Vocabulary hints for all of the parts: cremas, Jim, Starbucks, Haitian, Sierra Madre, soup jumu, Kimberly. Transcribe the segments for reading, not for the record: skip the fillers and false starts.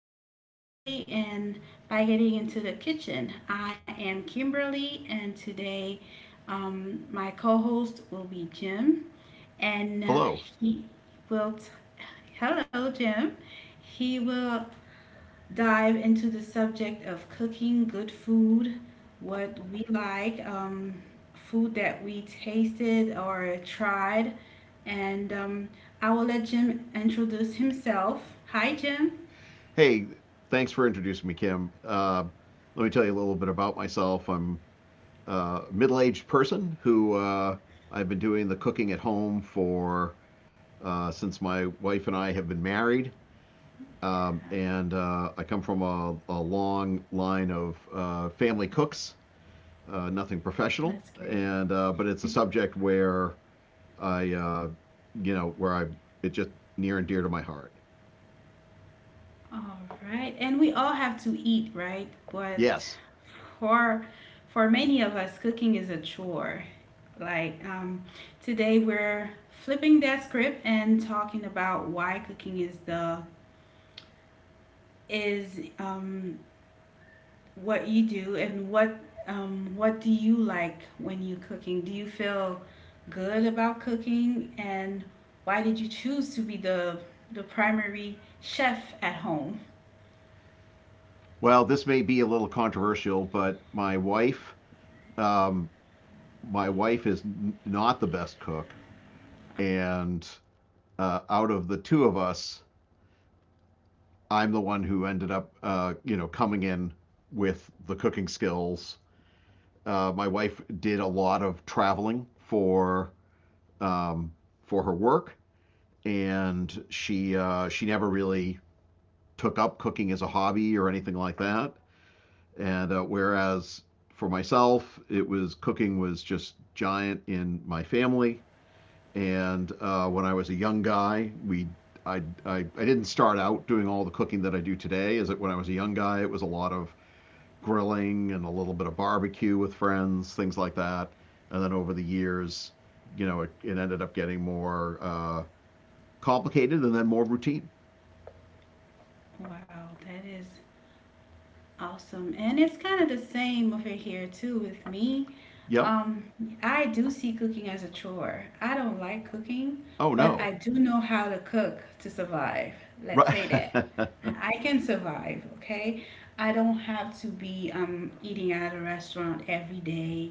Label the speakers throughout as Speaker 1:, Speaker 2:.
Speaker 1: literally, and by getting into the kitchen. I am Kimberly, and today my co host will be Jim and
Speaker 2: Hello.
Speaker 1: he will t- hello Jim. He will dive into the subject of cooking good food, what we like, food that we tasted or tried, and I will let Jim introduce himself. Hi Jim.
Speaker 2: Hey, thanks for introducing me, Kim. Let me tell you a little bit about myself. I'm a middle aged person who I've been doing the cooking at home for since my wife and I have been married. And I come from a long line of family cooks, nothing professional.
Speaker 1: That's great.
Speaker 2: And but it's a subject where I where I it just near and dear to my heart.
Speaker 1: All right, and we all have to eat, right? But
Speaker 2: Yes.
Speaker 1: for for many of us cooking is a chore. Like um, today we're flipping that script and talking about why cooking is the is what you do and what, what do you like when you cooking? Do you feel good about cooking? And why did you choose to be the primary chef at home?
Speaker 2: Well, this may be a little controversial, but um, my wife is not the best cook, and out of the two of us, I'm the one who ended up, coming in with the cooking skills. My wife did a lot of traveling um, for her work, and she never really took up cooking as a hobby or anything like that. And whereas for myself, it was cooking was just giant in my family. And when I was a young guy, we I didn't start out doing all the cooking that I do today. Is that when I was a young guy, it was a lot of grilling and a little bit of barbecue with friends, things like that. And then over the years, you know, it ended up getting more complicated and then more routine.
Speaker 1: Wow, that is awesome. And it's kind of the same over here too with me.
Speaker 2: Yep.
Speaker 1: Um, I do see cooking as a chore. I don't like cooking,
Speaker 2: Oh
Speaker 1: but I
Speaker 2: no.
Speaker 1: do know how to cook to survive. Let's
Speaker 2: Right.
Speaker 1: say that. I can survive, okay? I don't have to be eating at a restaurant every day.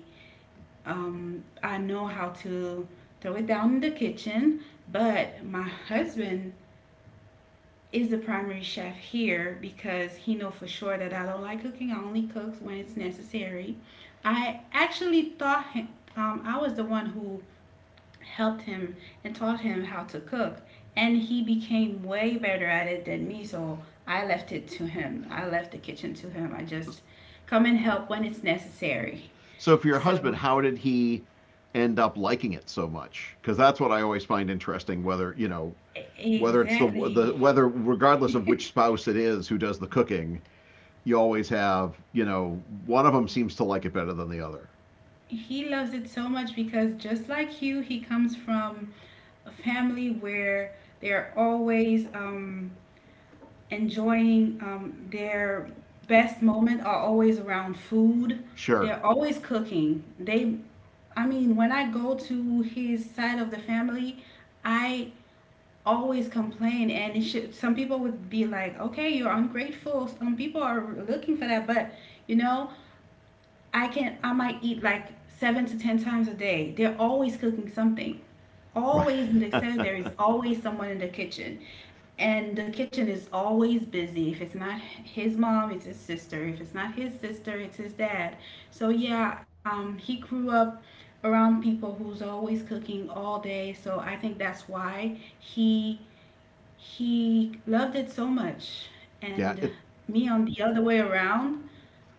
Speaker 1: I know how to throw it down in the kitchen, but my husband is the primary chef here because he know for sure that I don't like cooking. I only cook when it's necessary. I actually thought him, I was the one who helped him and taught him how to cook, and he became way better at it than me. So I left it to him. I left the kitchen to him. I just come and help when it's necessary.
Speaker 2: So for your husband,
Speaker 1: So
Speaker 2: how did he end up liking it so much? Because that's what I always find interesting. Whether you know whether it's the
Speaker 1: exactly.
Speaker 2: whether regardless of which spouse it is who does the cooking, you always have, one of them seems to like it better than the other.
Speaker 1: He loves it so much because just like you, he comes from a family where they're always enjoying, their best moment are always around food.
Speaker 2: Sure,
Speaker 1: They're always cooking. I mean, when I go to his side of the family, I always complain, and it should, some people would be like, "Okay, you're ungrateful." Some people are looking for that, but you know, I might eat like seven to ten times a day. They're always cooking something. Always in the
Speaker 2: right?
Speaker 1: center there is always someone in the kitchen. And the kitchen is always busy. If it's not his mom, it's his sister. If it's not his sister, it's his dad. So yeah, he grew up around people who's always cooking all day. So I think that's why he loved it so much.
Speaker 2: Yeah,
Speaker 1: And me on the other way around,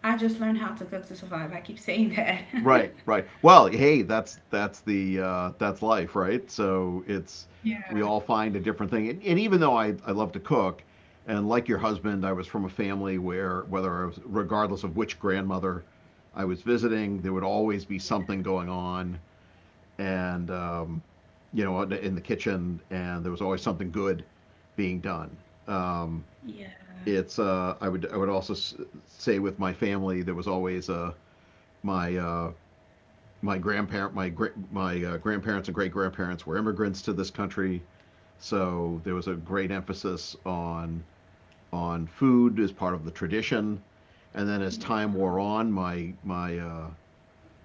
Speaker 1: I just learned how to cook to survive. I keep saying that.
Speaker 2: right, right. Well, hey, that's life, right? So it's we
Speaker 1: Yeah.
Speaker 2: all find a different thing. And even though I love to cook, and like your husband, I was from a family where whether I was regardless of which grandmother I was visiting, there would always be
Speaker 1: Yeah,
Speaker 2: something going on, and in the kitchen, and there was always something good being done. Um,
Speaker 1: yeah,
Speaker 2: it's I would also say with my family, there was always my uh, my grandparent my my grandparents and great grandparents were immigrants to this country, so there was a great emphasis on food as part of the tradition. And then as
Speaker 1: yeah.
Speaker 2: time wore on, my my uh,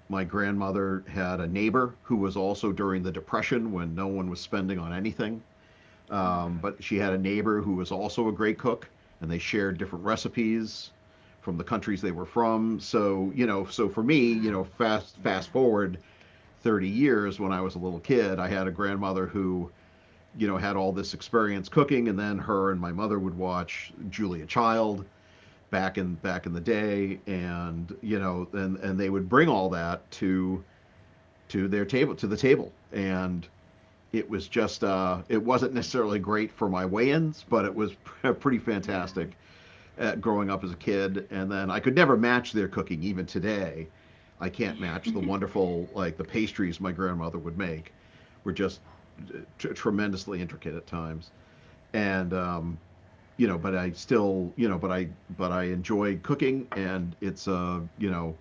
Speaker 2: my grandmother had a neighbor who was also during the depression when no one was spending on anything.
Speaker 1: Oh
Speaker 2: Um,
Speaker 1: wow,
Speaker 2: but she had a neighbor who was also a great cook, and they shared different recipes from the countries they were from. So for me,
Speaker 1: wow,
Speaker 2: fast
Speaker 1: yeah,
Speaker 2: fast forward 30 years when I was a little kid. I had a grandmother who had all this experience cooking, and then her and my mother would watch Julia Child back in the day, and you know, and they would bring all that to the table, and it wasn't necessarily great for my weigh-ins, but it was a pretty
Speaker 1: yeah.
Speaker 2: fantastic growing up as a kid, and then I could never match their cooking even today. I can't match the wonderful like the pastries my grandmother would make were just tremendously intricate at times, and but I still but I enjoy cooking, and it's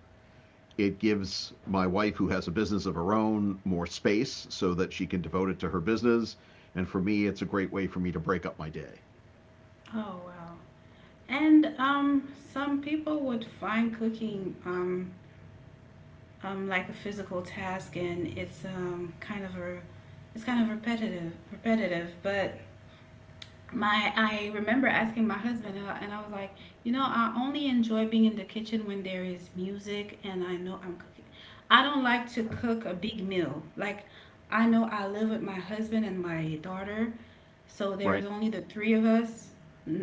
Speaker 2: it gives my wife who has a business of her own more space so that she can devote it to her business. And for me it's a great way for me to break up my day.
Speaker 1: Oh wow. And some people would find cooking, like a physical task, and it's kind of repetitive, repetitive. But my I remember asking my husband and I was like, you know, I only enjoy being in the kitchen when there is music and I know I'm cooking. I don't like to cook a big meal. I know I live with my husband and my daughter, so there's
Speaker 2: Right.
Speaker 1: only the three of us.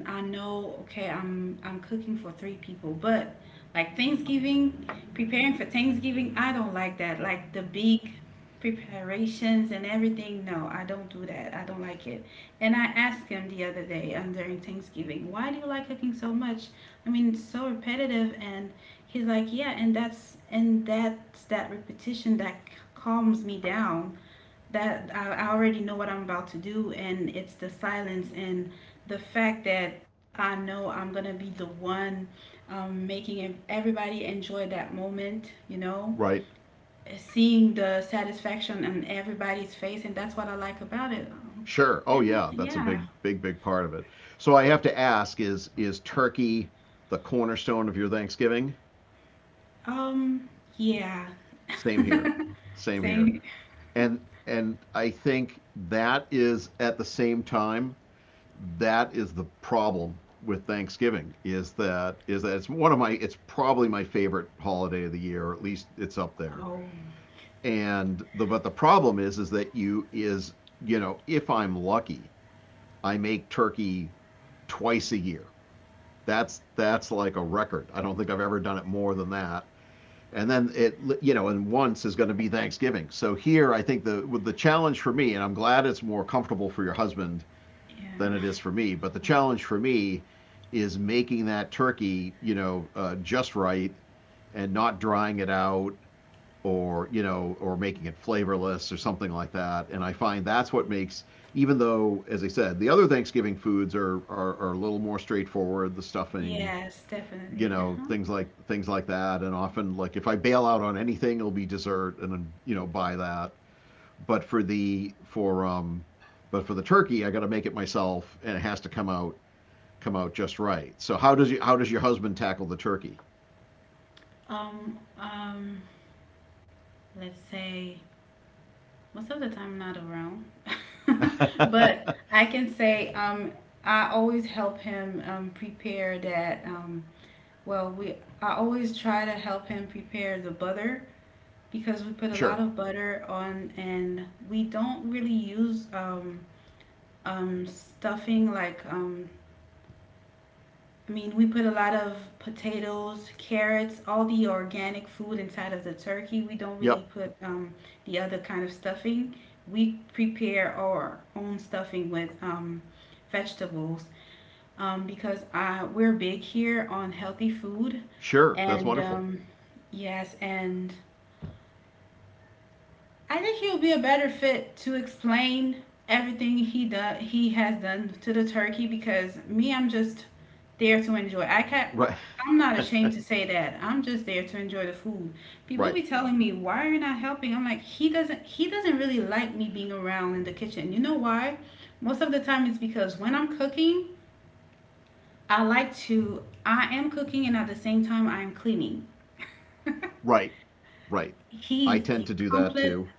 Speaker 1: I know, okay, I'm cooking for three people, but like Thanksgiving, preparing for Thanksgiving, I don't like that. Like the big preparations and everything. No, I don't do that. I don't like it. And I asked him the other day, during Thanksgiving, why do you like cooking so much? I mean, it's so repetitive. And he's like, yeah, and that's that repetition that calms me down, that I already know what I'm about to do, and it's the silence and the fact that I know I'm gonna be the one, making everybody enjoy that moment, you know,
Speaker 2: Right.
Speaker 1: seeing the satisfaction on everybody's face, and that's what I like about it.
Speaker 2: Sure. Oh
Speaker 1: And
Speaker 2: yeah, that's a
Speaker 1: yeah,
Speaker 2: big, big, big part of it. So I have to ask: is turkey the cornerstone of your Thanksgiving?
Speaker 1: um, yeah.
Speaker 2: Same here. Same here.
Speaker 1: Same.
Speaker 2: And and I think that is at the same time that is the problem with Thanksgiving is that it's one of my it's probably my favorite holiday of the year, or at least it's up there.
Speaker 1: Oh,
Speaker 2: And the but the problem is that you know if I'm lucky, I make turkey twice a year. That's like a record. I don't think I've ever done it more than that. And then it, you know, and once is going to be Thanksgiving. So here, I think the challenge for me, and I'm glad it's more comfortable for your husband than
Speaker 1: yeah,
Speaker 2: it is for me. But the challenge for me is making that turkey, you know, just right and not drying it out, or you know, or making it flavorless or something like that. And I find that's what makes, even though as I said, the other Thanksgiving foods are a little more straightforward, the stuffing,
Speaker 1: yes,
Speaker 2: you
Speaker 1: definitely.
Speaker 2: know,
Speaker 1: Uh huh.
Speaker 2: things like that. And often like, if I bail out on anything, it'll be dessert, and then you know buy that. But for the for um but for the turkey, I got to make it myself, and it has to come out, just right. So how does your husband tackle the turkey?
Speaker 1: Um, um, let's say most of the time, not around, but I can say, I always help him, prepare that. Well, we I always try to help him prepare the butter because we put a lot
Speaker 2: Sure.
Speaker 1: of butter on, and we don't really use, stuffing, I mean, we put a lot of potatoes, carrots, all the organic food inside of the turkey. We don't really
Speaker 2: Yep.
Speaker 1: put, the other kind of stuffing. We prepare our own stuffing with, vegetables, because I we're big here on healthy food.
Speaker 2: Sure, that's
Speaker 1: And
Speaker 2: wonderful.
Speaker 1: yes, and I think he will be a better fit to explain everything he has done to the turkey, because me, I'm just there to enjoy.
Speaker 2: Right.
Speaker 1: I'm not ashamed to say that. I'm just there to enjoy the food. People
Speaker 2: Right.
Speaker 1: be telling me, "Why are you not helping?" I'm like, he doesn't really like me being around in the kitchen." You know why? Most of the time it's because when I'm cooking, I like to I am cooking and at the same time I am cleaning.
Speaker 2: Right. Right. I
Speaker 1: He's
Speaker 2: tend
Speaker 1: the
Speaker 2: to do that
Speaker 1: complete
Speaker 2: too.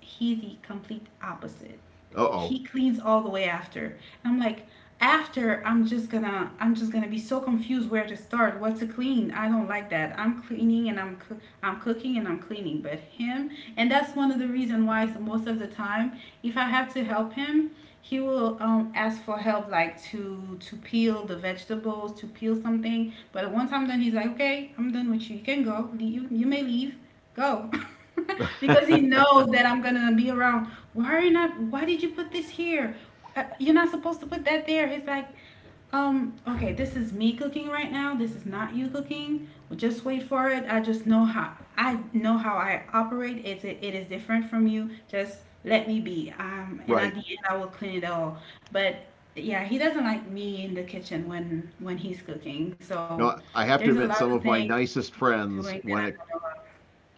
Speaker 1: he's the complete opposite.
Speaker 2: Uh-oh.
Speaker 1: He cleans all the way after. And I'm like, after I'm just gonna be so confused where to start, what to clean. I don't like that. I'm cooking and I'm cleaning, but him, and that's one of the reason why. So most of the time if I have to help him, he will, ask for help like to peel the vegetables, to peel something. But once I'm done, he's like, okay, I'm done with you. You can go. You may leave, go. Because he knows that I'm gonna be around. Why are you not why did you put this here? You're not supposed to put that there. He's like, okay, this is me cooking right now, this is not you cooking. Well, just wait for it. I know how I operate. It is different from you. Just let me be, and at
Speaker 2: Right.
Speaker 1: the end I will clean it all. But yeah, he doesn't like me in the kitchen when he's cooking. So
Speaker 2: No, I
Speaker 1: there's a
Speaker 2: have to
Speaker 1: lot of
Speaker 2: admit, some
Speaker 1: things
Speaker 2: of my
Speaker 1: he's
Speaker 2: nicest
Speaker 1: doing that I don't know
Speaker 2: friends
Speaker 1: about.
Speaker 2: when it,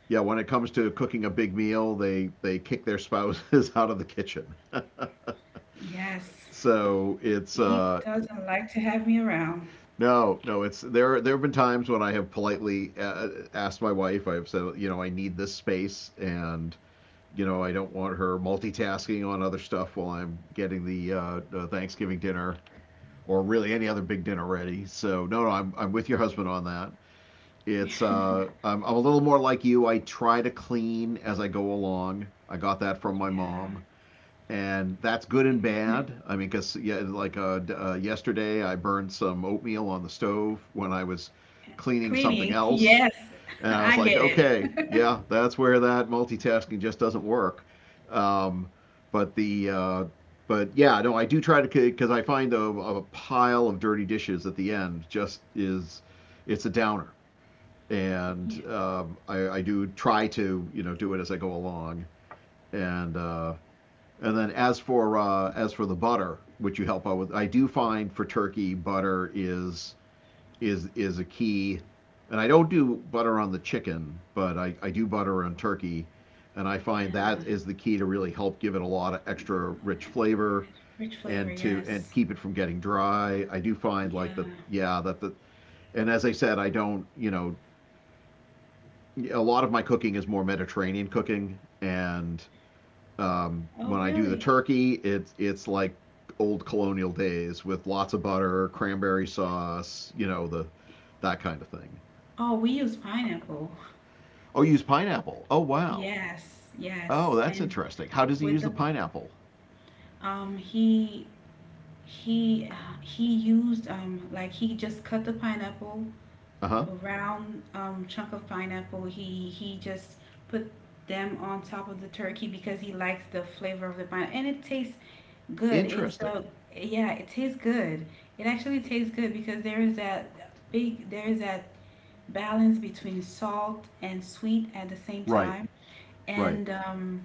Speaker 2: yeah, when it comes to cooking a big meal, they kick their spouses out of the kitchen.
Speaker 1: Yes.
Speaker 2: so it's
Speaker 1: He doesn't like to have me around.
Speaker 2: No, no, it's there. There have been times when I have politely asked my wife. I've said, you know, I need this space, and you know, I don't want her multitasking on other stuff while I'm getting the Thanksgiving dinner or really any other big dinner ready. So no, no, I'm with your husband on that. It's I'm a little more like you. I try to clean as I go along. I got that from my
Speaker 1: Yeah.
Speaker 2: mom, and that's good and bad. I mean, because yeah, yesterday I burned some oatmeal on the stove when I was cleaning something
Speaker 1: Cleaning.
Speaker 2: else,
Speaker 1: Yes,
Speaker 2: and I was
Speaker 1: I
Speaker 2: like,
Speaker 1: get
Speaker 2: okay,
Speaker 1: it.
Speaker 2: yeah, that's where that multitasking just doesn't work. Um, but the uh, but yeah, no, I do try to, because I find a pile of dirty dishes at the end just is it's a downer, and
Speaker 1: Yeah.
Speaker 2: um, I do try to, you know, do it as I go along. And uh, and then as for the butter, which you help out with, I do find for turkey butter is a key. And I don't do butter on the chicken, but I do butter on turkey. And I find that
Speaker 1: Yeah.
Speaker 2: is the key to really help give it a lot of extra rich flavor,
Speaker 1: Rich flavor,
Speaker 2: and
Speaker 1: yes.
Speaker 2: keep it from getting dry. I do find like
Speaker 1: Yeah.
Speaker 2: that, yeah, that the and as I said, I don't, you know, a lot of my cooking is more Mediterranean cooking, and
Speaker 1: Oh,
Speaker 2: when I do the
Speaker 1: really?
Speaker 2: turkey, it's like old colonial days with lots of butter, cranberry sauce, you know, the that kind of thing.
Speaker 1: Oh, we use pineapple.
Speaker 2: Oh, you use pineapple. Oh, wow.
Speaker 1: Yes,
Speaker 2: Oh,
Speaker 1: yes.
Speaker 2: that's
Speaker 1: And
Speaker 2: interesting. How does he
Speaker 1: with
Speaker 2: use
Speaker 1: the
Speaker 2: the
Speaker 1: bu-
Speaker 2: pineapple?
Speaker 1: um he he, he used, like he just cut the pineapple,
Speaker 2: Uh huh.
Speaker 1: a round, chunk of pineapple. He just put them on top of the turkey because he likes the flavor of the pineapple, and it tastes good. It's a
Speaker 2: Interesting.
Speaker 1: yeah, it tastes good. It actually tastes good because there is that balance between salt and sweet at the same
Speaker 2: Right.
Speaker 1: time,
Speaker 2: Right.
Speaker 1: and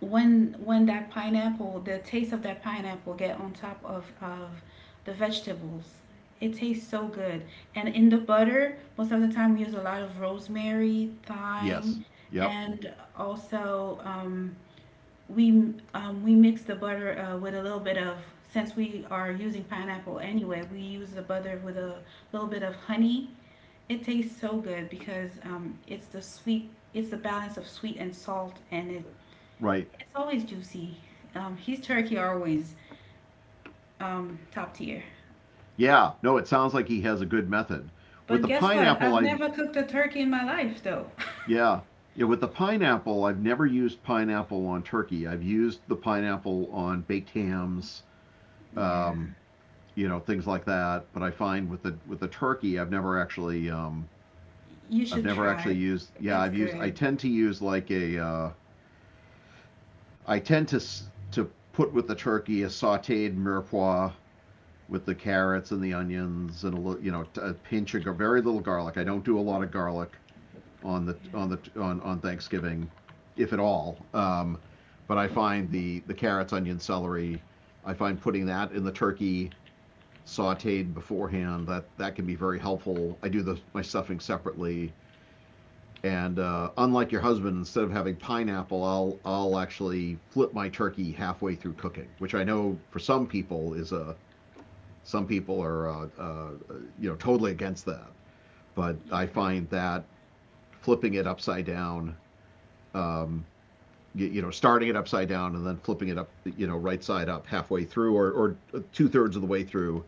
Speaker 1: when that pineapple, the taste of that pineapple get on top of the vegetables. It tastes so good. And in the butter, most of the time we use a lot of rosemary,
Speaker 2: Yes.
Speaker 1: thyme,
Speaker 2: Yep.
Speaker 1: and also, we mix the butter, with a little bit of, since we are using pineapple anyway, we use the butter with a little bit of honey. It tastes so good because, it's the sweet, it's the balance of sweet and salt, and
Speaker 2: Right.
Speaker 1: it's always juicy. His turkey are always, top tier.
Speaker 2: Yeah. No, it sounds like he has a good method. With
Speaker 1: But
Speaker 2: the
Speaker 1: guess what?
Speaker 2: pineapple,
Speaker 1: I've
Speaker 2: I —
Speaker 1: never cooked a turkey in my life, though.
Speaker 2: yeah. Yeah, with the pineapple, I've never used pineapple on turkey. I've used the pineapple on baked hams,
Speaker 1: Yeah,
Speaker 2: um, you know, things like that. But I find with the turkey,
Speaker 1: you
Speaker 2: I've
Speaker 1: should
Speaker 2: never
Speaker 1: try
Speaker 2: actually
Speaker 1: it.
Speaker 2: used. Yeah,
Speaker 1: It's
Speaker 2: I've used. I
Speaker 1: good.
Speaker 2: tend to use like a, I tend to put with the turkey a sautéed mirepoix with the carrots and the onions and a little, you know, a pinch of a very little garlic. I don't do a lot of garlic on the
Speaker 1: Yeah,
Speaker 2: on the on Thanksgiving, if at all. But I find the carrots, onion, celery. I find putting that in the turkey sautéed beforehand that that can be very helpful. I do the my stuffing separately, and unlike your husband, instead of having pineapple, I'll actually flip my turkey halfway through cooking, which I know for some people is a some people are you know totally against that, but I
Speaker 1: yeah,
Speaker 2: find that flipping it upside down um, you know, starting it upside down and then flipping it up, you know, right side up halfway through or two-thirds of the way through,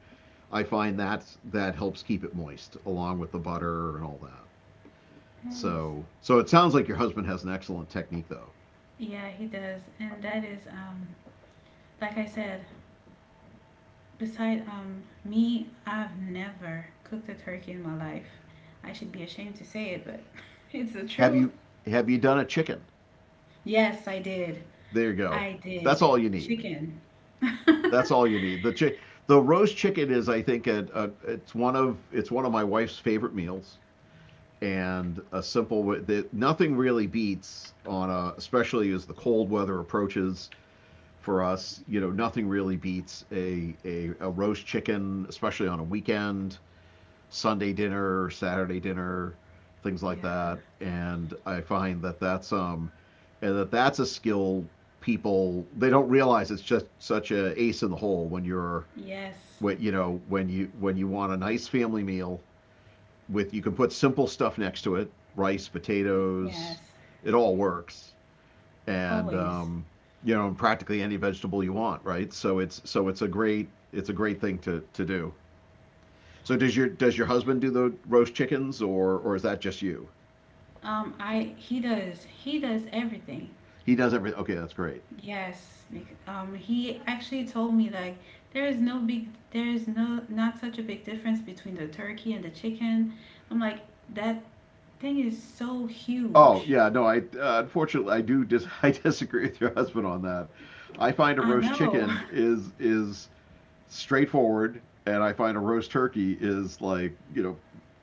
Speaker 2: I find that that helps keep it moist along with the butter and all that.
Speaker 1: no, that is.
Speaker 2: So, it sounds like your husband has an excellent technique though.
Speaker 1: Yeah, he does, and that is. Like I said, beside, me, I've never cooked a turkey in my life. I should be ashamed to say it, but it's the
Speaker 2: Have
Speaker 1: truth.
Speaker 2: you, have you done a chicken?
Speaker 1: Yes, I did.
Speaker 2: There you go.
Speaker 1: I
Speaker 2: That's
Speaker 1: did
Speaker 2: all you need.
Speaker 1: chicken.
Speaker 2: That's all you need. The roast chicken is, I think, it's one of my wife's favorite meals, and a simple that nothing really beats on a, especially as the cold weather approaches for us, you know, nothing really beats a roast chicken, especially on a weekend, Sunday dinner, Saturday dinner, things like
Speaker 1: Yeah.
Speaker 2: that. And I find that that's and that's a skill people they don't realize it's just such a ace in the hole when you're
Speaker 1: Yes.
Speaker 2: when you know when you want a nice family meal with you can put simple stuff next to it, rice, potatoes,
Speaker 1: Yes,
Speaker 2: it all works, and
Speaker 1: always.
Speaker 2: you know, practically any vegetable you want, right? So it's a great thing to do. So does your husband do the roast chickens or is that just you?
Speaker 1: I, he does everything.
Speaker 2: He does everything. Okay, that's great.
Speaker 1: Yes, he actually told me like there is no not such a big difference between the turkey and the chicken. I'm like that thing is so
Speaker 2: Oh
Speaker 1: huge.
Speaker 2: yeah, no, I unfortunately I disagree with your husband on that. I find a
Speaker 1: I
Speaker 2: roast
Speaker 1: know.
Speaker 2: chicken is straightforward, and I find a roast turkey is, like, you know,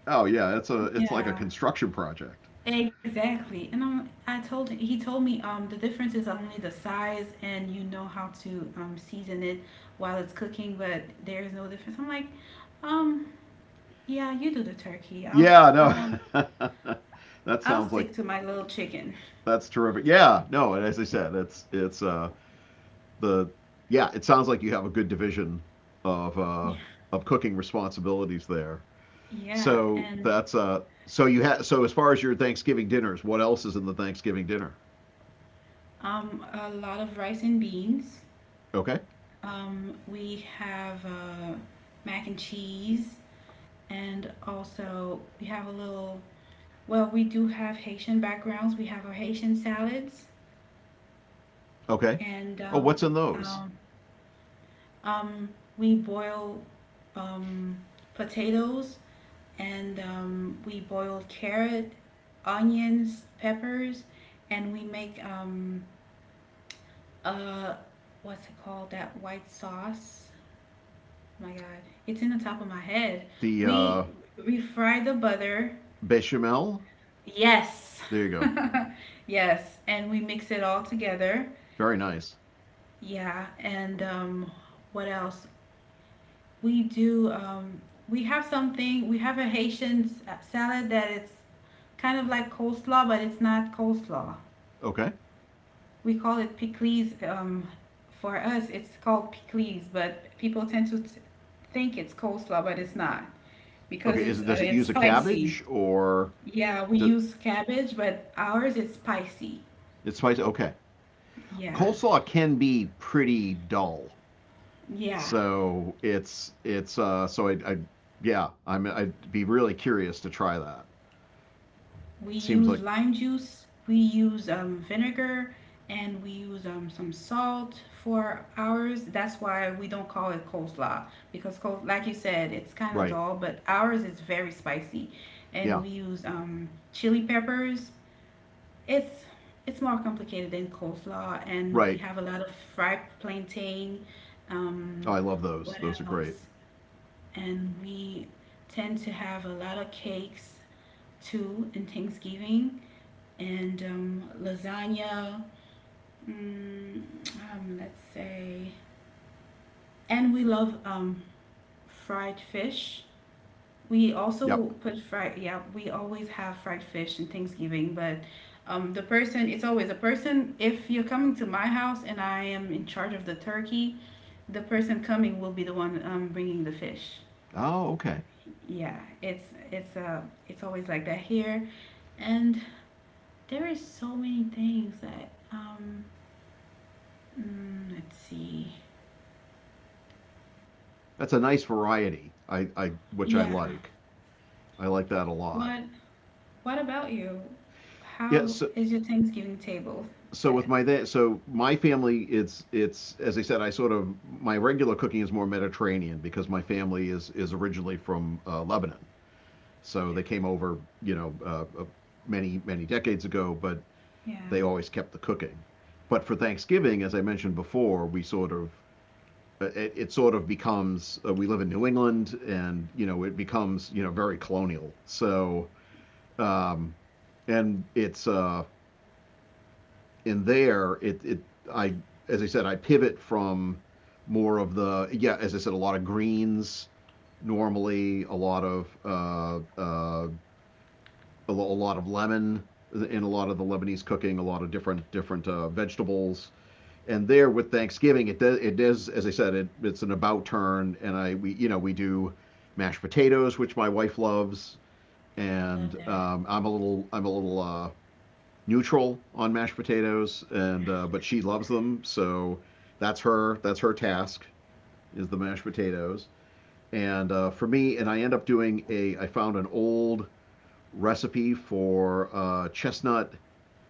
Speaker 2: oh yeah, it's a it's like a
Speaker 1: Yeah,
Speaker 2: construction project.
Speaker 1: exactly. I told, he told me the difference is only the size and you know how to, season it while it's cooking, but there's no difference. I'm like, um, yeah, you do the turkey.
Speaker 2: Yeah, no, that
Speaker 1: I'll
Speaker 2: sounds like.
Speaker 1: stick to my little chicken.
Speaker 2: That's terrific. Yeah, no, and as I said, it's the yeah, it sounds like you have a good division of uh
Speaker 1: Yeah.
Speaker 2: of cooking responsibilities there.
Speaker 1: Yeah,
Speaker 2: So
Speaker 1: and
Speaker 2: that's so you had so as far as your Thanksgiving dinners, what else is in the Thanksgiving dinner?
Speaker 1: a lot of rice and beans.
Speaker 2: Okay.
Speaker 1: We have mac and cheese, and also we have a little, well, we do have Haitian backgrounds. We have our Haitian salads,
Speaker 2: Okay.
Speaker 1: and
Speaker 2: Oh, what's in those?
Speaker 1: um um we boil, um potatoes, and, we boiled carrot, onions, peppers, and we make, uh, what's it called? That white sauce. Oh my God, it's in the top of my head.
Speaker 2: The
Speaker 1: We we fry the butter.
Speaker 2: bechamel?
Speaker 1: Yes,
Speaker 2: There you go.
Speaker 1: yes, and we mix it all together.
Speaker 2: Very nice.
Speaker 1: Yeah, and what else? We do. We have something. We have a Haitian salad that it's kind of like coleslaw, but it's not coleslaw.
Speaker 2: Okay.
Speaker 1: We call it pickles. For us, it's called pickles, but people tend to think it's coleslaw, but it's not because
Speaker 2: Okay, is
Speaker 1: it's
Speaker 2: it
Speaker 1: uh,
Speaker 2: does it
Speaker 1: it's
Speaker 2: use a
Speaker 1: spicy.
Speaker 2: cabbage or
Speaker 1: Yeah, we
Speaker 2: do,
Speaker 1: use cabbage, but ours is spicy.
Speaker 2: it's spicy? Okay.
Speaker 1: Yeah,
Speaker 2: Coleslaw can be pretty dull.
Speaker 1: yeah.
Speaker 2: So it's so I yeah, I'm I'd be really curious to try that.
Speaker 1: We use
Speaker 2: It seems
Speaker 1: lime
Speaker 2: like,
Speaker 1: juice, we use vinegar, and we use some salt for ours. That's why we don't call it coleslaw because, like you said, it's kind of
Speaker 2: right,
Speaker 1: dull, but ours is very spicy,
Speaker 2: yeah,
Speaker 1: and we use chili peppers. It's it's more complicated than coleslaw, and we
Speaker 2: right.
Speaker 1: have a lot of fried plantain.
Speaker 2: Oh,
Speaker 1: Um,
Speaker 2: I love those.
Speaker 1: what
Speaker 2: Those are great.
Speaker 1: else? And we tend to have a lot of cakes too in Thanksgiving and lasagna. Mm, let's say, and we love fried fish. We also
Speaker 2: Yep.
Speaker 1: put fried. Yeah, we always have fried fish in Thanksgiving, but. The person, it's always a person. If you're coming to my house and I am in charge of the turkey, the person coming will be the one bringing the fish.
Speaker 2: Oh, okay.
Speaker 1: Yeah, it's uh it's always like that here. And there is so many things that let's see.
Speaker 2: That's a nice variety. I which I
Speaker 1: Yeah.
Speaker 2: like. I like that a lot.
Speaker 1: What what about you?
Speaker 2: Yeah.
Speaker 1: How
Speaker 2: So,
Speaker 1: is your Thanksgiving table
Speaker 2: so with
Speaker 1: set?
Speaker 2: my that so my family it's as I said I sort of my regular cooking is more Mediterranean because my family is originally from Lebanon. So they came over, you know, many many decades ago, but
Speaker 1: Yeah. Yeah,
Speaker 2: they always kept the cooking. But for Thanksgiving, as I mentioned before, we sort of it, it sort of becomes we live in New England, and you know it becomes you know very colonial. So um, and it's in there it it I as I said I pivot from more of the, yeah, as I said, a lot of greens, normally a lot of a lot of lemon in a lot of the Lebanese cooking, a lot of different different vegetables. And there with Thanksgiving, it does, as I said, it's an about turn, and I we you know we do mashed potatoes, which my wife loves,
Speaker 1: I love
Speaker 2: and
Speaker 1: that.
Speaker 2: I'm a little neutral on mashed potatoes, and but she loves them, so that's her task is the mashed potatoes, and for me, and I end up doing a I found an old recipe for chestnut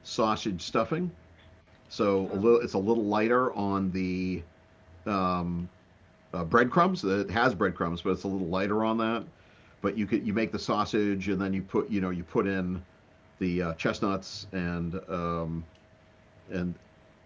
Speaker 2: sausage stuffing, so
Speaker 1: Oh.
Speaker 2: a little it's a little lighter on the um, breadcrumbs. It has breadcrumbs, but it's a little lighter on that. But you could you make the sausage, and then you put you know you put in the chestnuts and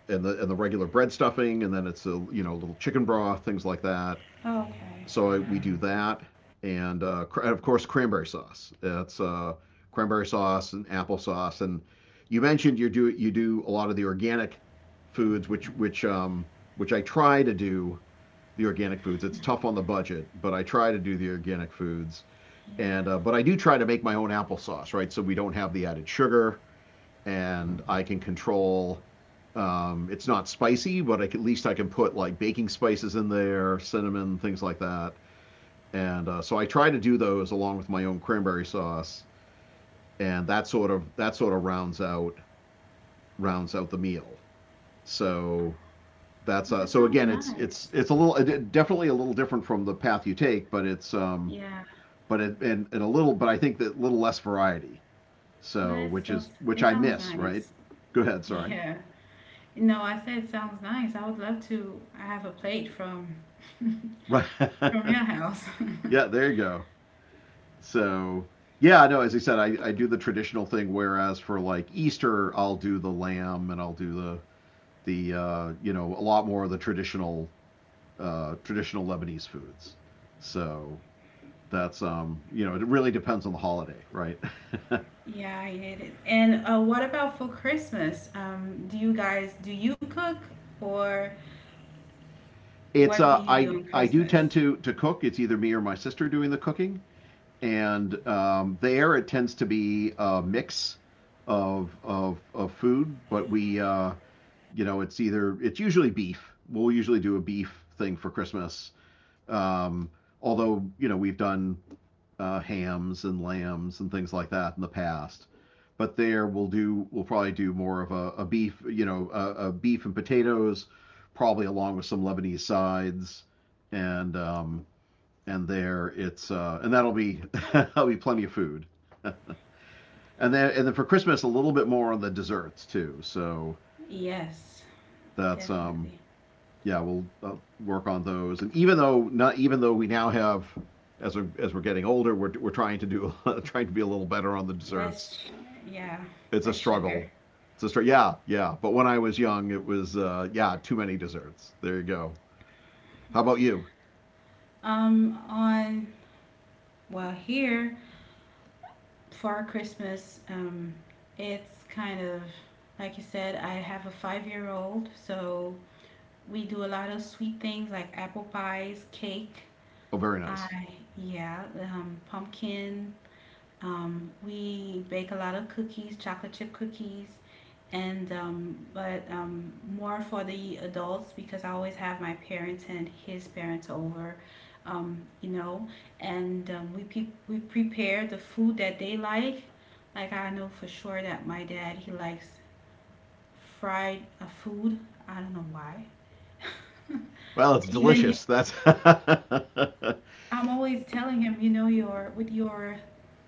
Speaker 2: and the regular bread stuffing, and then it's a you know little chicken broth, things like that.
Speaker 1: Oh, okay.
Speaker 2: So I, we do that, and, and of course cranberry sauce. That's cranberry sauce and applesauce. And you mentioned you do a lot of the organic foods, which I try to do the organic foods. It's tough on the budget, but I try to do the organic foods.
Speaker 1: Yeah.
Speaker 2: And but I do try to make my own applesauce, right? So we don't have the added sugar, and I can control. It's not spicy, but I can, at least I can put like baking spices in there, cinnamon, things like that. And so I try to do those along with my own cranberry sauce, and that sort of rounds out the meal. So that's
Speaker 1: That
Speaker 2: so
Speaker 1: sounds
Speaker 2: again,
Speaker 1: nice.
Speaker 2: it's a little definitely a little different from the path you take, but it's
Speaker 1: Yeah.
Speaker 2: but it and a little, but I think that little less variety.
Speaker 1: But
Speaker 2: So which is
Speaker 1: it
Speaker 2: which I
Speaker 1: sounds
Speaker 2: miss, right?
Speaker 1: nice.
Speaker 2: Go ahead. Sorry.
Speaker 1: Yeah. No, I said it sounds nice. I would love to have a plate from
Speaker 2: Right.
Speaker 1: your house.
Speaker 2: yeah. There you go. So yeah, no. As I said, I do the traditional thing. Whereas for like Easter, I'll do the lamb and I'll do the you know, a lot more of the traditional traditional Lebanese foods. So that's you know it really depends on the holiday, right?
Speaker 1: Yeah, I get it. And what about for Christmas? Do you cook or
Speaker 2: it's
Speaker 1: what do you do on
Speaker 2: I do
Speaker 1: Christmas?
Speaker 2: tend to cook. It's either me or my sister doing the cooking. And there it tends to be a mix of food, but we you know it's usually beef. We'll usually do a beef thing for Christmas. Um, although you know we've done hams and lambs and things like that in the past. But there we'll probably do more of a beef you know a beef and potatoes, probably along with some Lebanese sides, and um, and there it's and that'll be that'll be plenty of food. And then for Christmas a little bit more on the desserts too. So
Speaker 1: Yes,
Speaker 2: that's
Speaker 1: definitely.
Speaker 2: yeah we'll work on those. And even though not even though we now have, as we as we're getting older, we're trying to do trying to be a little better on the desserts.
Speaker 1: Less, sh- yeah,
Speaker 2: It's a
Speaker 1: less sugar.
Speaker 2: struggle. Yeah yeah. But when I was young it was yeah, too many desserts. There you go. How about you?
Speaker 1: On Well here for Christmas, it's kind of like you said. I have a five-year-old, so we do a lot of sweet things like apple pies, cake.
Speaker 2: Oh very nice.
Speaker 1: I Yeah, pumpkin. We bake a lot of cookies, chocolate chip cookies, and but more for the adults because I always have my parents and his parents over, you know, and we prepare the food that they like. Like I know for sure that my dad he likes fried food. I don't know why.
Speaker 2: Well, it's
Speaker 1: Even he-
Speaker 2: delicious. That's
Speaker 1: I'm always telling him, you know, your with your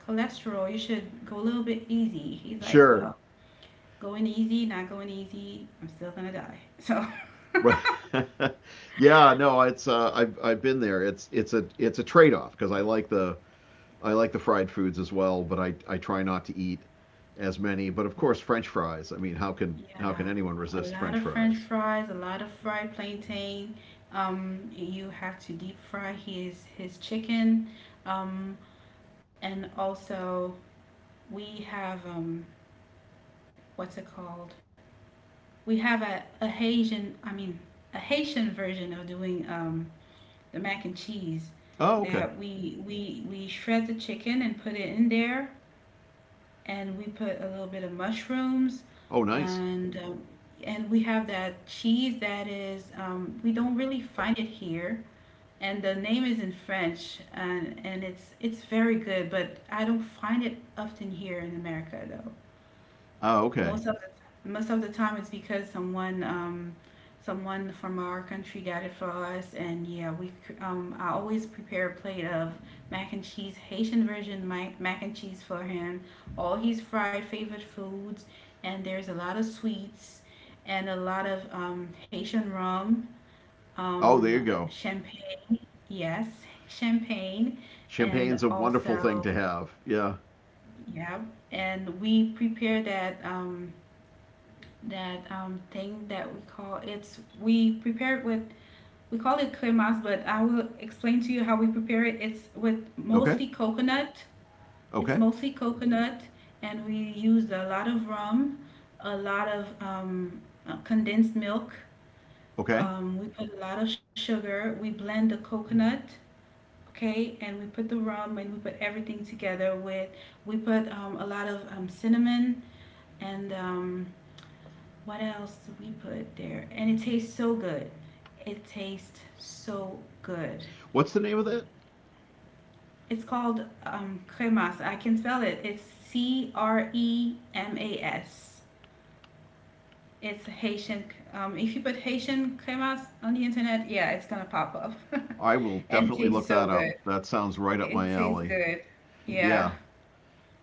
Speaker 1: cholesterol, you should go a little bit easy. He's like,
Speaker 2: sure.
Speaker 1: well. Going easy, not going easy, I'm still gonna die. So,
Speaker 2: Right. Yeah, no, it's I've been there. It's a trade-off because I like the fried foods as well, but I try not to eat as many. But of course, French fries. I mean, how
Speaker 1: yeah,
Speaker 2: can anyone
Speaker 1: a
Speaker 2: resist
Speaker 1: lot
Speaker 2: French
Speaker 1: of French
Speaker 2: fries?
Speaker 1: fries, a lot of fried plantain. You have to deep fry his chicken, um, and also we have what's it called? We have a Haitian, I mean, a Haitian version of doing the mac and cheese
Speaker 2: Oh, okay.
Speaker 1: that we shred the chicken and put it in there, and we put a little bit of mushrooms
Speaker 2: Oh, nice.
Speaker 1: and um, and we have that cheese that is we don't really find it here, and the name is in French, and it's very good, but I don't find it often here in America though.
Speaker 2: Oh, okay.
Speaker 1: Most of most of the time, it's because someone from our country got it for us, and yeah, I always prepare a plate of mac and cheese, Haitian version mac and cheese for him. All his fried favorite foods, and there's a lot of sweets, and a lot of Haitian rum,
Speaker 2: Oh, there you go.
Speaker 1: champagne. Yes, champagne, and
Speaker 2: Champagne's a wonderful thing
Speaker 1: also
Speaker 2: to have. Yeah.
Speaker 1: yeah, and we prepare that. That thing that we call, it's, we prepare it with, we call it cremas, but I will explain to you how we prepare it. It's with
Speaker 2: Okay.
Speaker 1: mostly coconut. It's
Speaker 2: Okay.
Speaker 1: mostly coconut, and we use a lot of rum, a lot of condensed milk.
Speaker 2: Okay.
Speaker 1: We put a lot of sugar. We blend the coconut, okay, and we put the rum and we put everything together with. We put a lot of cinnamon and what else do we put there? And it tastes so good. It tastes so good.
Speaker 2: What's the name of that?
Speaker 1: It's called cremas. I can spell it. It's Cremas. It's Haitian. If you put Haitian cremas on the internet, yeah, it's gonna pop up.
Speaker 2: I will
Speaker 1: And
Speaker 2: definitely
Speaker 1: tastes
Speaker 2: look
Speaker 1: so
Speaker 2: that up.
Speaker 1: good.
Speaker 2: That sounds right up my
Speaker 1: It tastes
Speaker 2: alley.
Speaker 1: good. Yeah,
Speaker 2: Yeah,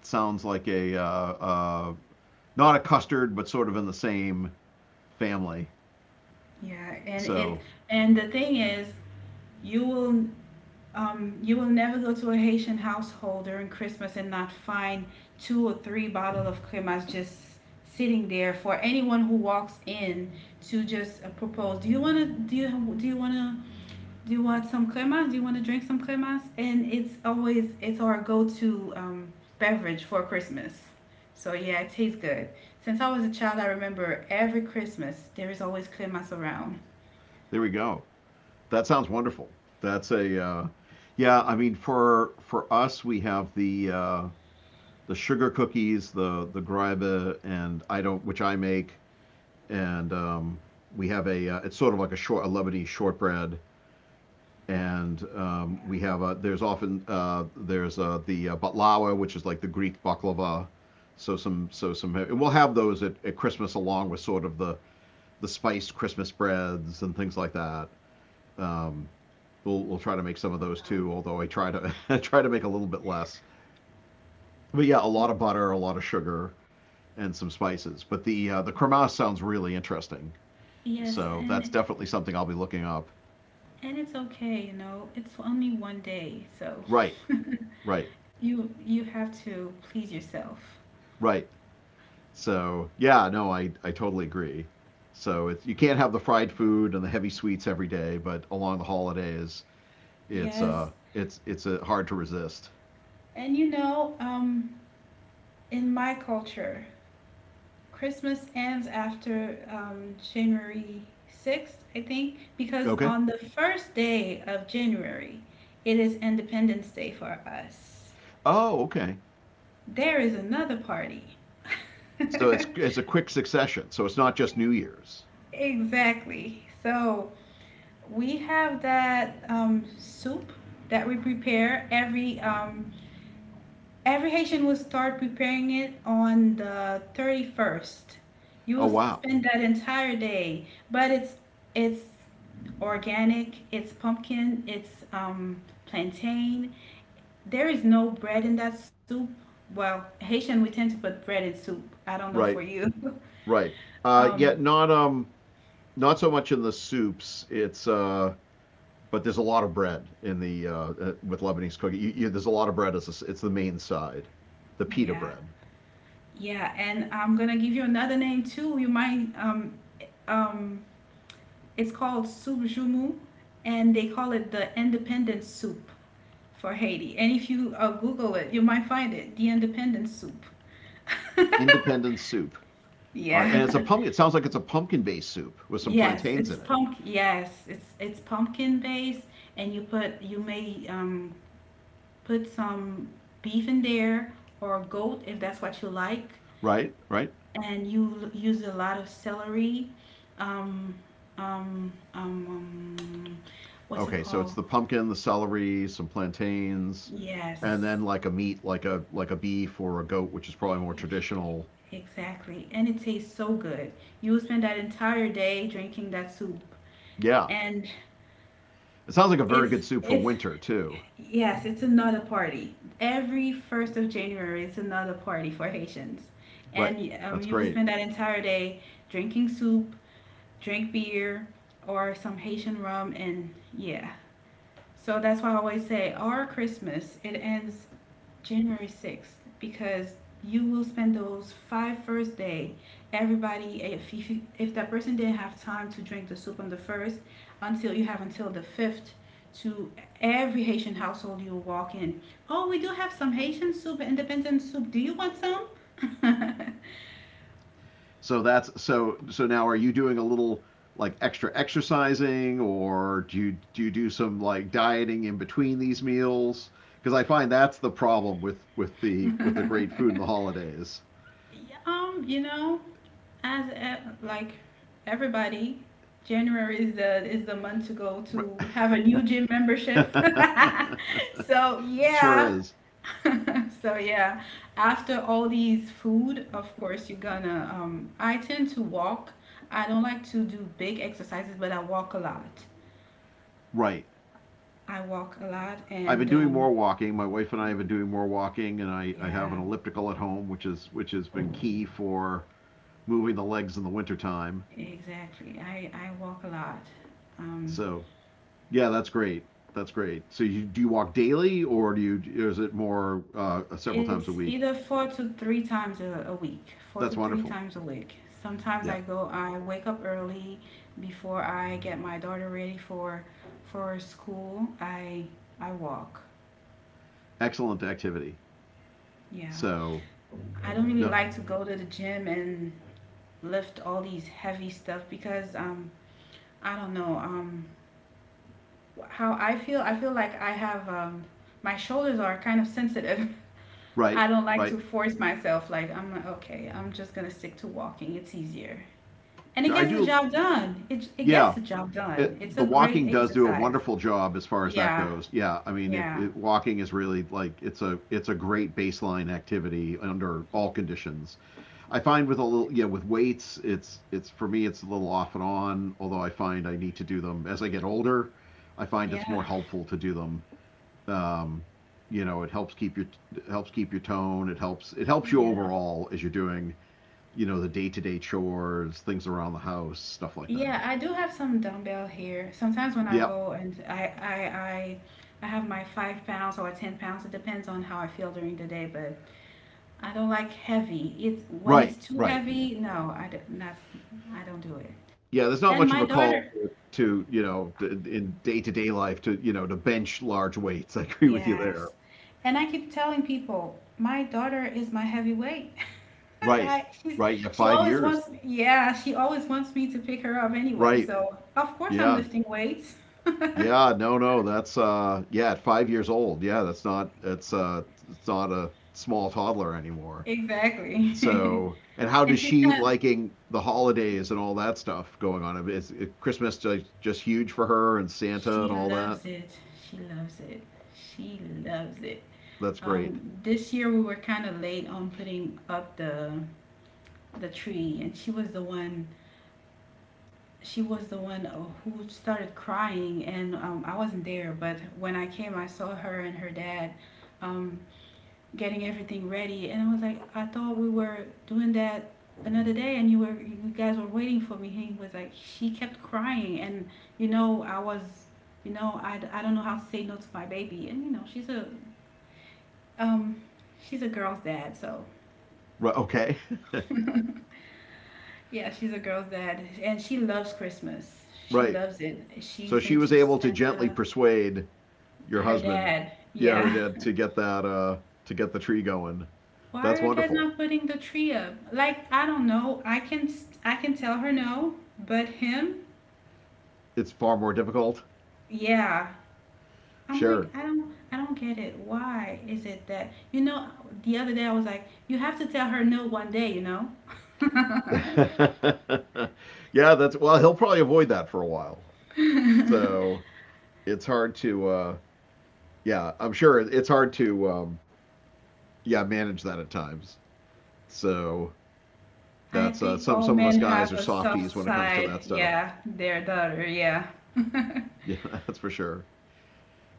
Speaker 2: sounds like a uh, not a custard, but sort of in the same family.
Speaker 1: yeah. And it
Speaker 2: So
Speaker 1: and the thing is, you will you will never go to a Haitian household during Christmas and not find two or three bottles of cremas just sitting there for anyone who walks in to just propose. Do you wanna? Do you wanna? Do you want some cremas? Do you want to drink some cremas? And it's our go-to beverage for Christmas. So yeah, it tastes good. Since I was a child, I remember every Christmas there is always cremas around.
Speaker 2: there we go. That sounds wonderful. That's a yeah. I mean, for us, we have the sugar cookies, the greibe, and I don't, which I make, and we have a. It's sort of like a short a Lebanese shortbread, and we have a. There's often there's the baklawa, which is like the Greek baklava. So some, and we'll have those at Christmas along with sort of the spiced Christmas breads and things like that. Um, we'll try to make some of those too, although I try to I try to make a little bit less. But yeah, a lot of butter, a lot of sugar, and some spices. But the cremasse sounds really interesting,
Speaker 1: Yes,
Speaker 2: so that's
Speaker 1: and.
Speaker 2: definitely something I'll be looking up.
Speaker 1: And it's okay, you know. It's only one day, so
Speaker 2: Right, right,
Speaker 1: you have to please yourself.
Speaker 2: right. So yeah, no, I totally agree. So it's you can't have the fried food and the heavy sweets every day, but along the holidays,
Speaker 1: Yes.
Speaker 2: it's hard to resist.
Speaker 1: And you know, in my culture, Christmas ends after January 6th, I think, because
Speaker 2: Okay.
Speaker 1: on the first day of January, it is Independence Day for us.
Speaker 2: Oh, okay.
Speaker 1: There is another party.
Speaker 2: So it's a quick succession. So it's not just New Year's.
Speaker 1: Exactly. So, we have that soup that we prepare every Haitian will start preparing it on the 31st. You
Speaker 2: Oh
Speaker 1: will
Speaker 2: wow.
Speaker 1: spend that entire day, but it's organic, it's pumpkin, it's plantain. There is no bread in that soup. Well, Haitian we tend to put bread in soup. I don't know for
Speaker 2: Right.
Speaker 1: you.
Speaker 2: Right.
Speaker 1: Um,
Speaker 2: Yet not not so much in the soups. It's but there's a lot of bread in the with Lebanese cooking. There's a lot of bread as a, it's the main side, the pita
Speaker 1: yeah.
Speaker 2: bread,
Speaker 1: Yeah, and I'm gonna give you another name too. You might um It's called soup jumu, and they call it the independence soup for Haiti. And if you Google it, you might find it, the independence soup.
Speaker 2: independent soup. All right, and it's a
Speaker 1: Yeah.
Speaker 2: pumpkin. It sounds like it's a pumpkin-based soup with some
Speaker 1: Yes,
Speaker 2: plantains
Speaker 1: it's
Speaker 2: in it,
Speaker 1: pump. Yes, it's pumpkin based, and you may put some beef in there or goat if that's what you like,
Speaker 2: right? Right.
Speaker 1: and you use a lot of celery. Um, um, um, um, what's it
Speaker 2: Okay, so it's
Speaker 1: called?
Speaker 2: the pumpkin, the celery, some plantains, and
Speaker 1: Yes,
Speaker 2: then like a meat, like a beef or a goat, which is probably more traditional.
Speaker 1: exactly. And it tastes so good. You will spend that entire day drinking that soup.
Speaker 2: Yeah.
Speaker 1: And
Speaker 2: It sounds like a very good soup for
Speaker 1: it's
Speaker 2: winter too.
Speaker 1: yes, it's another party. Every 1st of January is another party for Haitians.
Speaker 2: Right.
Speaker 1: And
Speaker 2: That's
Speaker 1: you will
Speaker 2: great.
Speaker 1: spend that entire day drinking soup, drink beer or some Haitian rum and yeah. So that's why I always say our Christmas it ends January 6th because you will spend those five first day. Everybody, eh, if that person didn't have time to drink the soup on the first, until you have until the fifth, to every Haitian household you walk in. Oh, we do have some Haitian soup, independent soup. Do you want some?
Speaker 2: So that's so so now are you doing a little like extra exercising or do you do some like dieting in between these meals? Because I find that's the problem with with the great food in the holidays.
Speaker 1: You know, like everybody, January is the month to go
Speaker 2: Right.
Speaker 1: to have a new gym membership. So
Speaker 2: Sure
Speaker 1: yeah,
Speaker 2: is.
Speaker 1: so yeah. After all these food, of course, you're gonna. I tend to walk. I don't like to do big exercises, but I walk a lot.
Speaker 2: Right.
Speaker 1: I walk a lot,
Speaker 2: I've been
Speaker 1: and
Speaker 2: doing more walking. My wife and I have been doing more walking, and I have
Speaker 1: yeah,
Speaker 2: an elliptical at home, which is which has been key for moving the legs in the wintertime.
Speaker 1: exactly. I walk a lot. Um,
Speaker 2: So yeah, that's great. That's great. So you do you walk daily, or do you or is it more several times a
Speaker 1: It's
Speaker 2: week?
Speaker 1: either four to three times a week, four
Speaker 2: That's
Speaker 1: to three
Speaker 2: wonderful.
Speaker 1: times a week. Sometimes
Speaker 2: Yeah,
Speaker 1: I go, I wake up early before I get my daughter ready for school. I walk.
Speaker 2: excellent activity.
Speaker 1: Yeah,
Speaker 2: So
Speaker 1: I don't really
Speaker 2: no,
Speaker 1: like to go to the gym and lift all these heavy stuff because I don't know how I feel. I feel like I have my shoulders are kind of sensitive.
Speaker 2: right,
Speaker 1: I don't like to
Speaker 2: right,
Speaker 1: force myself. Like I'm like okay, I'm just gonna stick to walking. It's easier. And it
Speaker 2: sure. I
Speaker 1: gets the
Speaker 2: do.
Speaker 1: job done. It gets
Speaker 2: Yeah,
Speaker 1: the job done. It's
Speaker 2: the
Speaker 1: a great
Speaker 2: walking does do a
Speaker 1: exercise.
Speaker 2: wonderful job as far as that
Speaker 1: Yeah,
Speaker 2: goes. Yeah, I mean, if
Speaker 1: yeah,
Speaker 2: it, walking is really like it's a great baseline activity under all conditions. I find with a little, yeah, with weights it's for me it's a little off and on, although I find I need to do them as I get older. I find
Speaker 1: yeah,
Speaker 2: it's more helpful to do them, um, you know, it helps keep your, it helps keep your tone, it helps you
Speaker 1: yeah,
Speaker 2: overall as you're doing, you know, the day-to-day chores, things around the house, stuff like that.
Speaker 1: yeah. I do have some dumbbell here. Sometimes when I
Speaker 2: Yeah,
Speaker 1: go and I, I have my 5 pounds or 10 pounds. It depends on how I feel during the day. But I don't like heavy. It's when it's
Speaker 2: right,
Speaker 1: too
Speaker 2: right,
Speaker 1: heavy. No, I do, not. I don't do it.
Speaker 2: yeah,
Speaker 1: And
Speaker 2: there's
Speaker 1: my
Speaker 2: not much of a
Speaker 1: daughter,
Speaker 2: call to, you know, to, in day-to-day life to, you know, to bench large weights. I agree with you there.
Speaker 1: yes. And I keep telling people, my daughter is my heavyweight.
Speaker 2: Right,
Speaker 1: I, she's,
Speaker 2: right, yeah, 5 years.
Speaker 1: yeah, she always wants me to pick her up anyway.
Speaker 2: Right.
Speaker 1: So, of course, I'm
Speaker 2: Yeah.
Speaker 1: lifting weights.
Speaker 2: Yeah. No, no. That's yeah, at 5 years old. Yeah, that's not it's not a small toddler anymore.
Speaker 1: Exactly.
Speaker 2: So, and how
Speaker 1: And
Speaker 2: does
Speaker 1: she's
Speaker 2: she
Speaker 1: kind of,
Speaker 2: liking the holidays and all that stuff going on? Is Christmas just huge for her and Santa and
Speaker 1: she
Speaker 2: all that?
Speaker 1: loves it. She loves it. She loves it.
Speaker 2: That's great.
Speaker 1: This year we were kind of late on putting up the tree, and she was the one she was the one who started crying, and I wasn't there. But when I came, I saw her and her dad um, getting everything ready, and I was like, I thought we were doing that another day, and you guys were waiting for me. He was like, she kept crying, and you know, I was, you know, I don't know how to say no to my baby, and you know, um, she's a girl's dad, so
Speaker 2: Right, okay.
Speaker 1: yeah, she's a girl's dad, and she loves Christmas. She
Speaker 2: right.
Speaker 1: loves it.
Speaker 2: So
Speaker 1: She's
Speaker 2: she was
Speaker 1: into
Speaker 2: able to gently
Speaker 1: Santa.
Speaker 2: persuade your
Speaker 1: Her
Speaker 2: husband,
Speaker 1: dad.
Speaker 2: yeah, her
Speaker 1: Yeah.
Speaker 2: dad, to get that to get the tree going.
Speaker 1: Why
Speaker 2: That's
Speaker 1: are you guys
Speaker 2: wonderful.
Speaker 1: not putting the tree up? Like, I don't know. I can tell her no, but him?
Speaker 2: It's far more difficult.
Speaker 1: Yeah. I'm like,
Speaker 2: Sure.
Speaker 1: I don't get it. Why is it that you know, the other day I was like, you have to tell her no one day, you know?
Speaker 2: yeah, that's, well, he'll probably avoid that for a while. So it's hard to, yeah, I'm sure it's hard to, yeah, manage that at times. So
Speaker 1: I
Speaker 2: that's
Speaker 1: think
Speaker 2: some
Speaker 1: all
Speaker 2: some of us
Speaker 1: men
Speaker 2: guys
Speaker 1: have
Speaker 2: are
Speaker 1: a
Speaker 2: softies
Speaker 1: soft
Speaker 2: when it comes to
Speaker 1: side.
Speaker 2: that stuff.
Speaker 1: Yeah, their daughter, yeah.
Speaker 2: Yeah, that's for sure.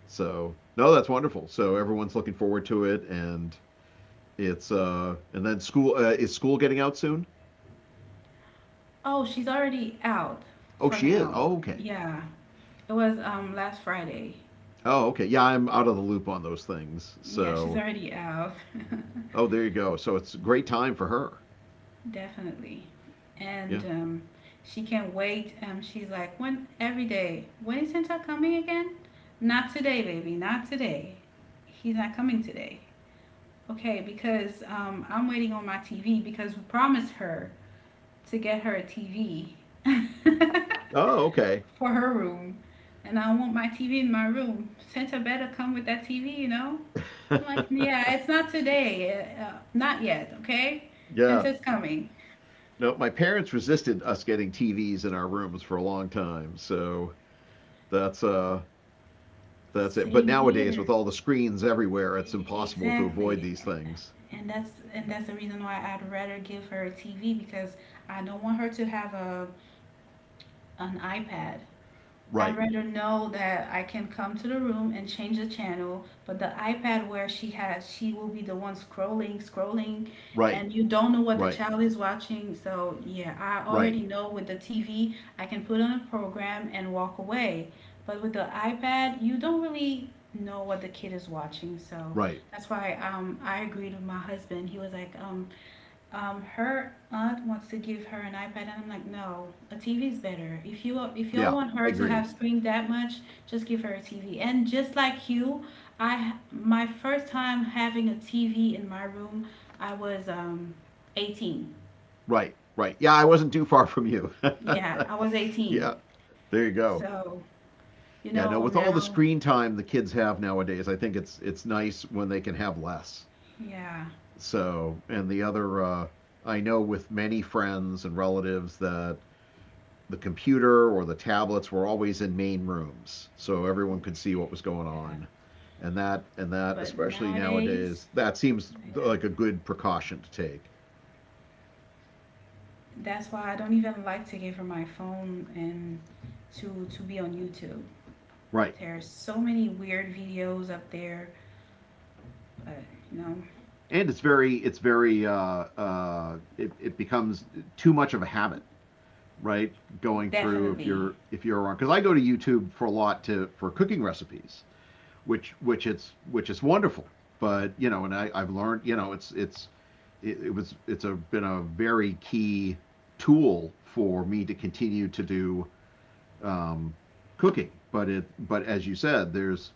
Speaker 2: So no, that's wonderful. So everyone's looking forward to it, and it's and then school is school getting out soon?
Speaker 1: Oh, she's already out
Speaker 2: Oh,
Speaker 1: for
Speaker 2: she is.
Speaker 1: now.
Speaker 2: Oh, okay.
Speaker 1: Yeah. It was last Friday.
Speaker 2: Oh, okay. Yeah, I'm out of the loop on those things.
Speaker 1: Yeah, she's
Speaker 2: So
Speaker 1: already out.
Speaker 2: oh, there you go. So it's a great time for her.
Speaker 1: Definitely.
Speaker 2: Yeah.
Speaker 1: And She can't wait. She's like, when every day, when is Santa coming again? Not today, baby. Not today. He's not coming today. Okay, because I'm waiting on my TV because we promised her to get her a TV
Speaker 2: Oh, okay.
Speaker 1: for her room. And I want my TV in my room. Santa better come with that TV, you know? I'm like, yeah, it's not today. Not yet, okay? Since
Speaker 2: yeah.
Speaker 1: it's coming.
Speaker 2: No, my parents resisted us getting TVs in our rooms for a long time, so that's uh that's it. But
Speaker 1: Same
Speaker 2: nowadays with
Speaker 1: here.
Speaker 2: all the screens everywhere, it's impossible to avoid
Speaker 1: Exactly.
Speaker 2: these things.
Speaker 1: And that's the reason why I'd rather give her a TV because I don't want her to have a an iPad. I'd
Speaker 2: Right.
Speaker 1: rather know that I can come to the room and change the channel, but the iPad where she has, she will be the one scrolling, scrolling,
Speaker 2: Right.
Speaker 1: and you don't know what the
Speaker 2: Right.
Speaker 1: child is watching. So, yeah, I
Speaker 2: Right.
Speaker 1: already know with the TV, I can put on a program and walk away. But with the iPad, you don't really know what the kid is watching. So,
Speaker 2: Right.
Speaker 1: that's why I agreed with my husband. He was like, her aunt wants to give her an iPad, and I'm like, no, a TV is better. If y'all
Speaker 2: Yeah,
Speaker 1: want
Speaker 2: I
Speaker 1: her to
Speaker 2: agree.
Speaker 1: have screen that much, just give her a TV. And just like you, I my first time having a TV in my room, I was 18.
Speaker 2: Right. Right. Yeah, I wasn't too far from you.
Speaker 1: Yeah, I was 18.
Speaker 2: Yeah, there you go.
Speaker 1: So you
Speaker 2: Yeah, no,
Speaker 1: know
Speaker 2: with all the
Speaker 1: now,
Speaker 2: screen time the kids have nowadays, I think it's nice when they can have less.
Speaker 1: yeah,
Speaker 2: So, and the other, I know with many friends and relatives that the computer or the tablets were always in main rooms, so everyone could see what was going
Speaker 1: yeah.
Speaker 2: on. And that,
Speaker 1: But
Speaker 2: especially
Speaker 1: nowadays,
Speaker 2: nowadays, that seems
Speaker 1: yeah,
Speaker 2: like a good precaution to take.
Speaker 1: that's why I don't even like to give her my phone and to be on YouTube.
Speaker 2: Right.
Speaker 1: There's so many weird videos up there, but you know,
Speaker 2: And it becomes too much of a habit, right? Going through if
Speaker 1: definitely.
Speaker 2: you're, if you're around, because I go to YouTube for a lot to for cooking recipes, which it's which is wonderful. But you know, and I've learned, you know, it's it, it was it's a been a very key tool for me to continue to do, um, cooking. But as you said, there's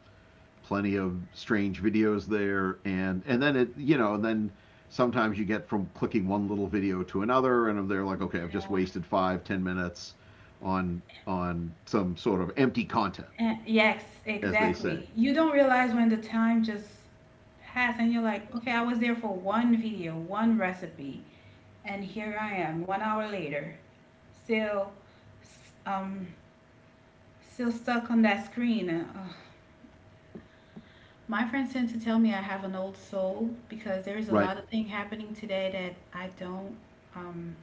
Speaker 2: plenty of strange videos there, and then it, you know, then sometimes you get from clicking one little video to another, and they're like, okay, I've just wasted 5, 10 minutes on some sort of empty content,
Speaker 1: And Yes,
Speaker 2: as they say,
Speaker 1: exactly. You don't realize when the time just has and you're like, okay, I was there for one video, one recipe, and here I am, 1 hour later, still, um, still stuck on that screen. My friends tend to tell me I have an old soul because there is a
Speaker 2: right?
Speaker 1: lot of thing happening today that um,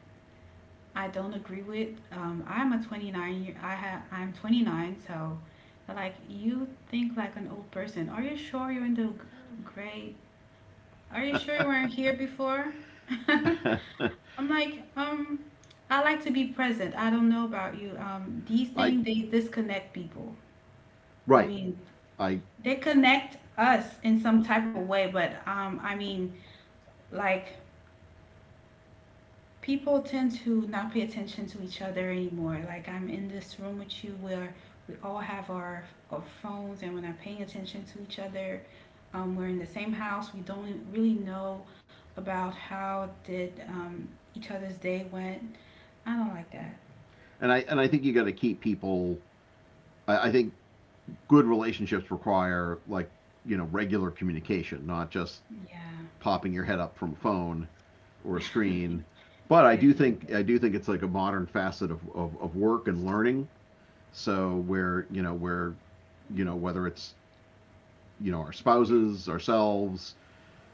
Speaker 1: I don't agree with. I'm a 29 year. I have. I'm 29, so like you think like an old person. Are you sure you're in the grade? Are you sure you weren't here before? I'm like, I like to be present. I don't know about you. These
Speaker 2: I
Speaker 1: things they disconnect people. I
Speaker 2: Right.
Speaker 1: mean,
Speaker 2: I
Speaker 1: they connect us in some type of way, but I mean, like people tend to not pay attention to each other anymore. Like I'm in this room with you where we all have our phones and we're not paying attention to each other. We're in the same house. We don't really know about how did each other's day went. I don't like that.
Speaker 2: I and I think you got to keep people. I think good relationships require like, you know, regular communication, not just
Speaker 1: Yeah,
Speaker 2: popping your head up from a phone or a screen. But I do think
Speaker 1: definitely.
Speaker 2: I do think it's like a modern facet of, of work and learning. So where, you know, where, you know, whether it's, you know, our spouses, ourselves,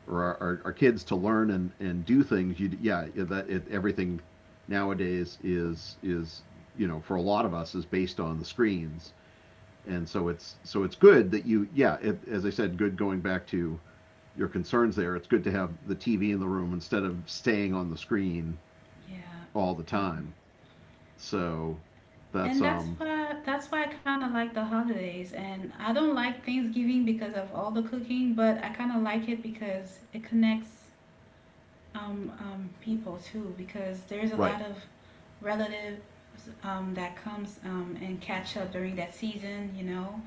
Speaker 2: or our kids to learn and do things. You, yeah, yeah, that it, everything nowadays is, you know, for a lot of us is based on the screens, and so it's good that you, yeah, it, as I said, good going back to your concerns there. It's good to have the TV in the room instead of staying on the screen all the
Speaker 1: Yeah. Um,
Speaker 2: time. So that's
Speaker 1: And that's
Speaker 2: um,
Speaker 1: why that's why I kind of like the holidays. And I don't like Thanksgiving because of all the cooking, but I kind of like it because it connects people too. Because there's a lot
Speaker 2: right.
Speaker 1: of relatives that comes and catch up during that season, you know.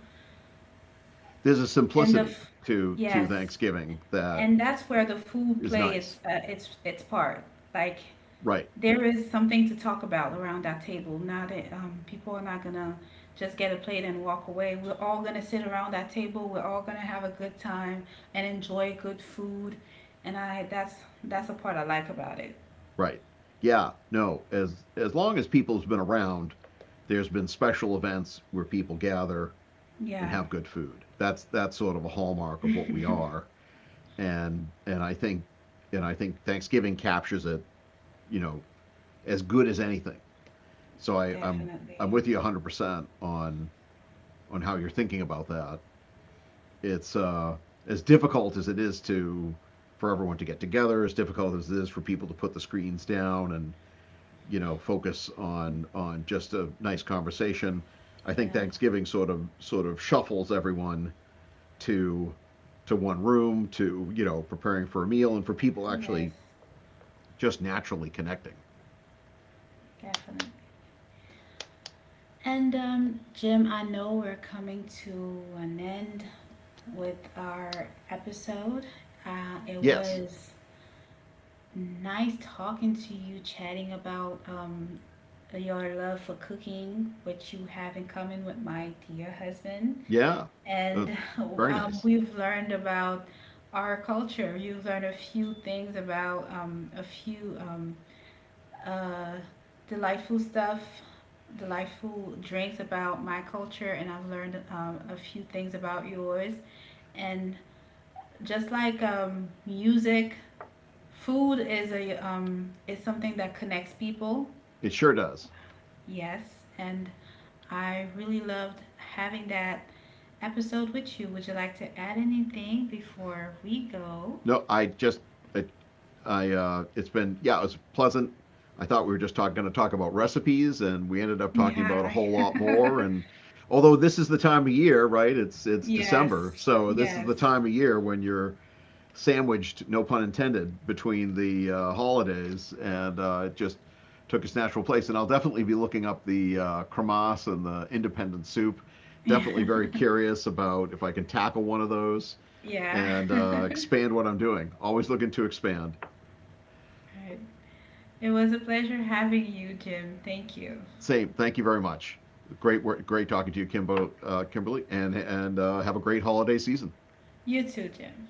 Speaker 2: There's a
Speaker 1: And the
Speaker 2: simplicity
Speaker 1: f-
Speaker 2: to
Speaker 1: yes,
Speaker 2: Thanksgiving that
Speaker 1: and that's where the food
Speaker 2: is
Speaker 1: play its
Speaker 2: nice.
Speaker 1: uh, its its part. Like
Speaker 2: Right.
Speaker 1: There is something to talk about around that table. Now that people are not gonna just get a plate and walk away, we're all gonna sit around that table. We're all gonna have a good time and enjoy good food, and I that's the part I like about it.
Speaker 2: Right. Yeah. No. As long as people's been around, there's been special events where people gather and
Speaker 1: Yeah,
Speaker 2: have good food. That's sort of a hallmark of what we are. And I think Thanksgiving captures it, you know, as good as anything. So I'm
Speaker 1: definitely.
Speaker 2: with you 100% on how you're thinking about that. It's as difficult as it is to, for everyone to get together, as difficult as it is for people to put the screens down and, you know, focus on just a nice conversation. I
Speaker 1: Yeah.
Speaker 2: think Thanksgiving sort of shuffles everyone to to one room to, you know, preparing for a meal and for people
Speaker 1: Yes,
Speaker 2: actually just naturally connecting.
Speaker 1: definitely. And Jim, I know we're coming to an end with our episode. Uh, it
Speaker 2: Yes.
Speaker 1: was nice talking to you, chatting about your love for cooking, which you have in common with my dear husband.
Speaker 2: Yeah. Uh,
Speaker 1: And
Speaker 2: very nice.
Speaker 1: we've learned about our culture. You've learned a few things about a few uh, delightful stuff, delightful drinks about my culture, and I've learned a few things about yours. And just like music, food is a is something that connects people.
Speaker 2: It sure does.
Speaker 1: Yes, and I really loved having that episode with you. Would you like to add anything before we go?
Speaker 2: No, I just I I it's been yeah, it was pleasant. I thought we were just going to talk about recipes, and we ended up talking about a
Speaker 1: Yeah.
Speaker 2: whole lot more. And although this is the time of year, right? It's December,
Speaker 1: Yes.
Speaker 2: so this is
Speaker 1: Yes.
Speaker 2: the time of year when you're sandwiched, no pun intended, between the holidays, and it just took its natural place. And I'll definitely be looking up the cremas and the independent soup. Definitely very curious about if I can tackle one of those
Speaker 1: yeah.
Speaker 2: and expand what I'm doing. Always looking to expand.
Speaker 1: Right. It was a pleasure having you, Jim. Thank you.
Speaker 2: Same. Thank you very much. Great work. Great talking to you, Kimberly, and have a great holiday season.
Speaker 1: You too, Jim.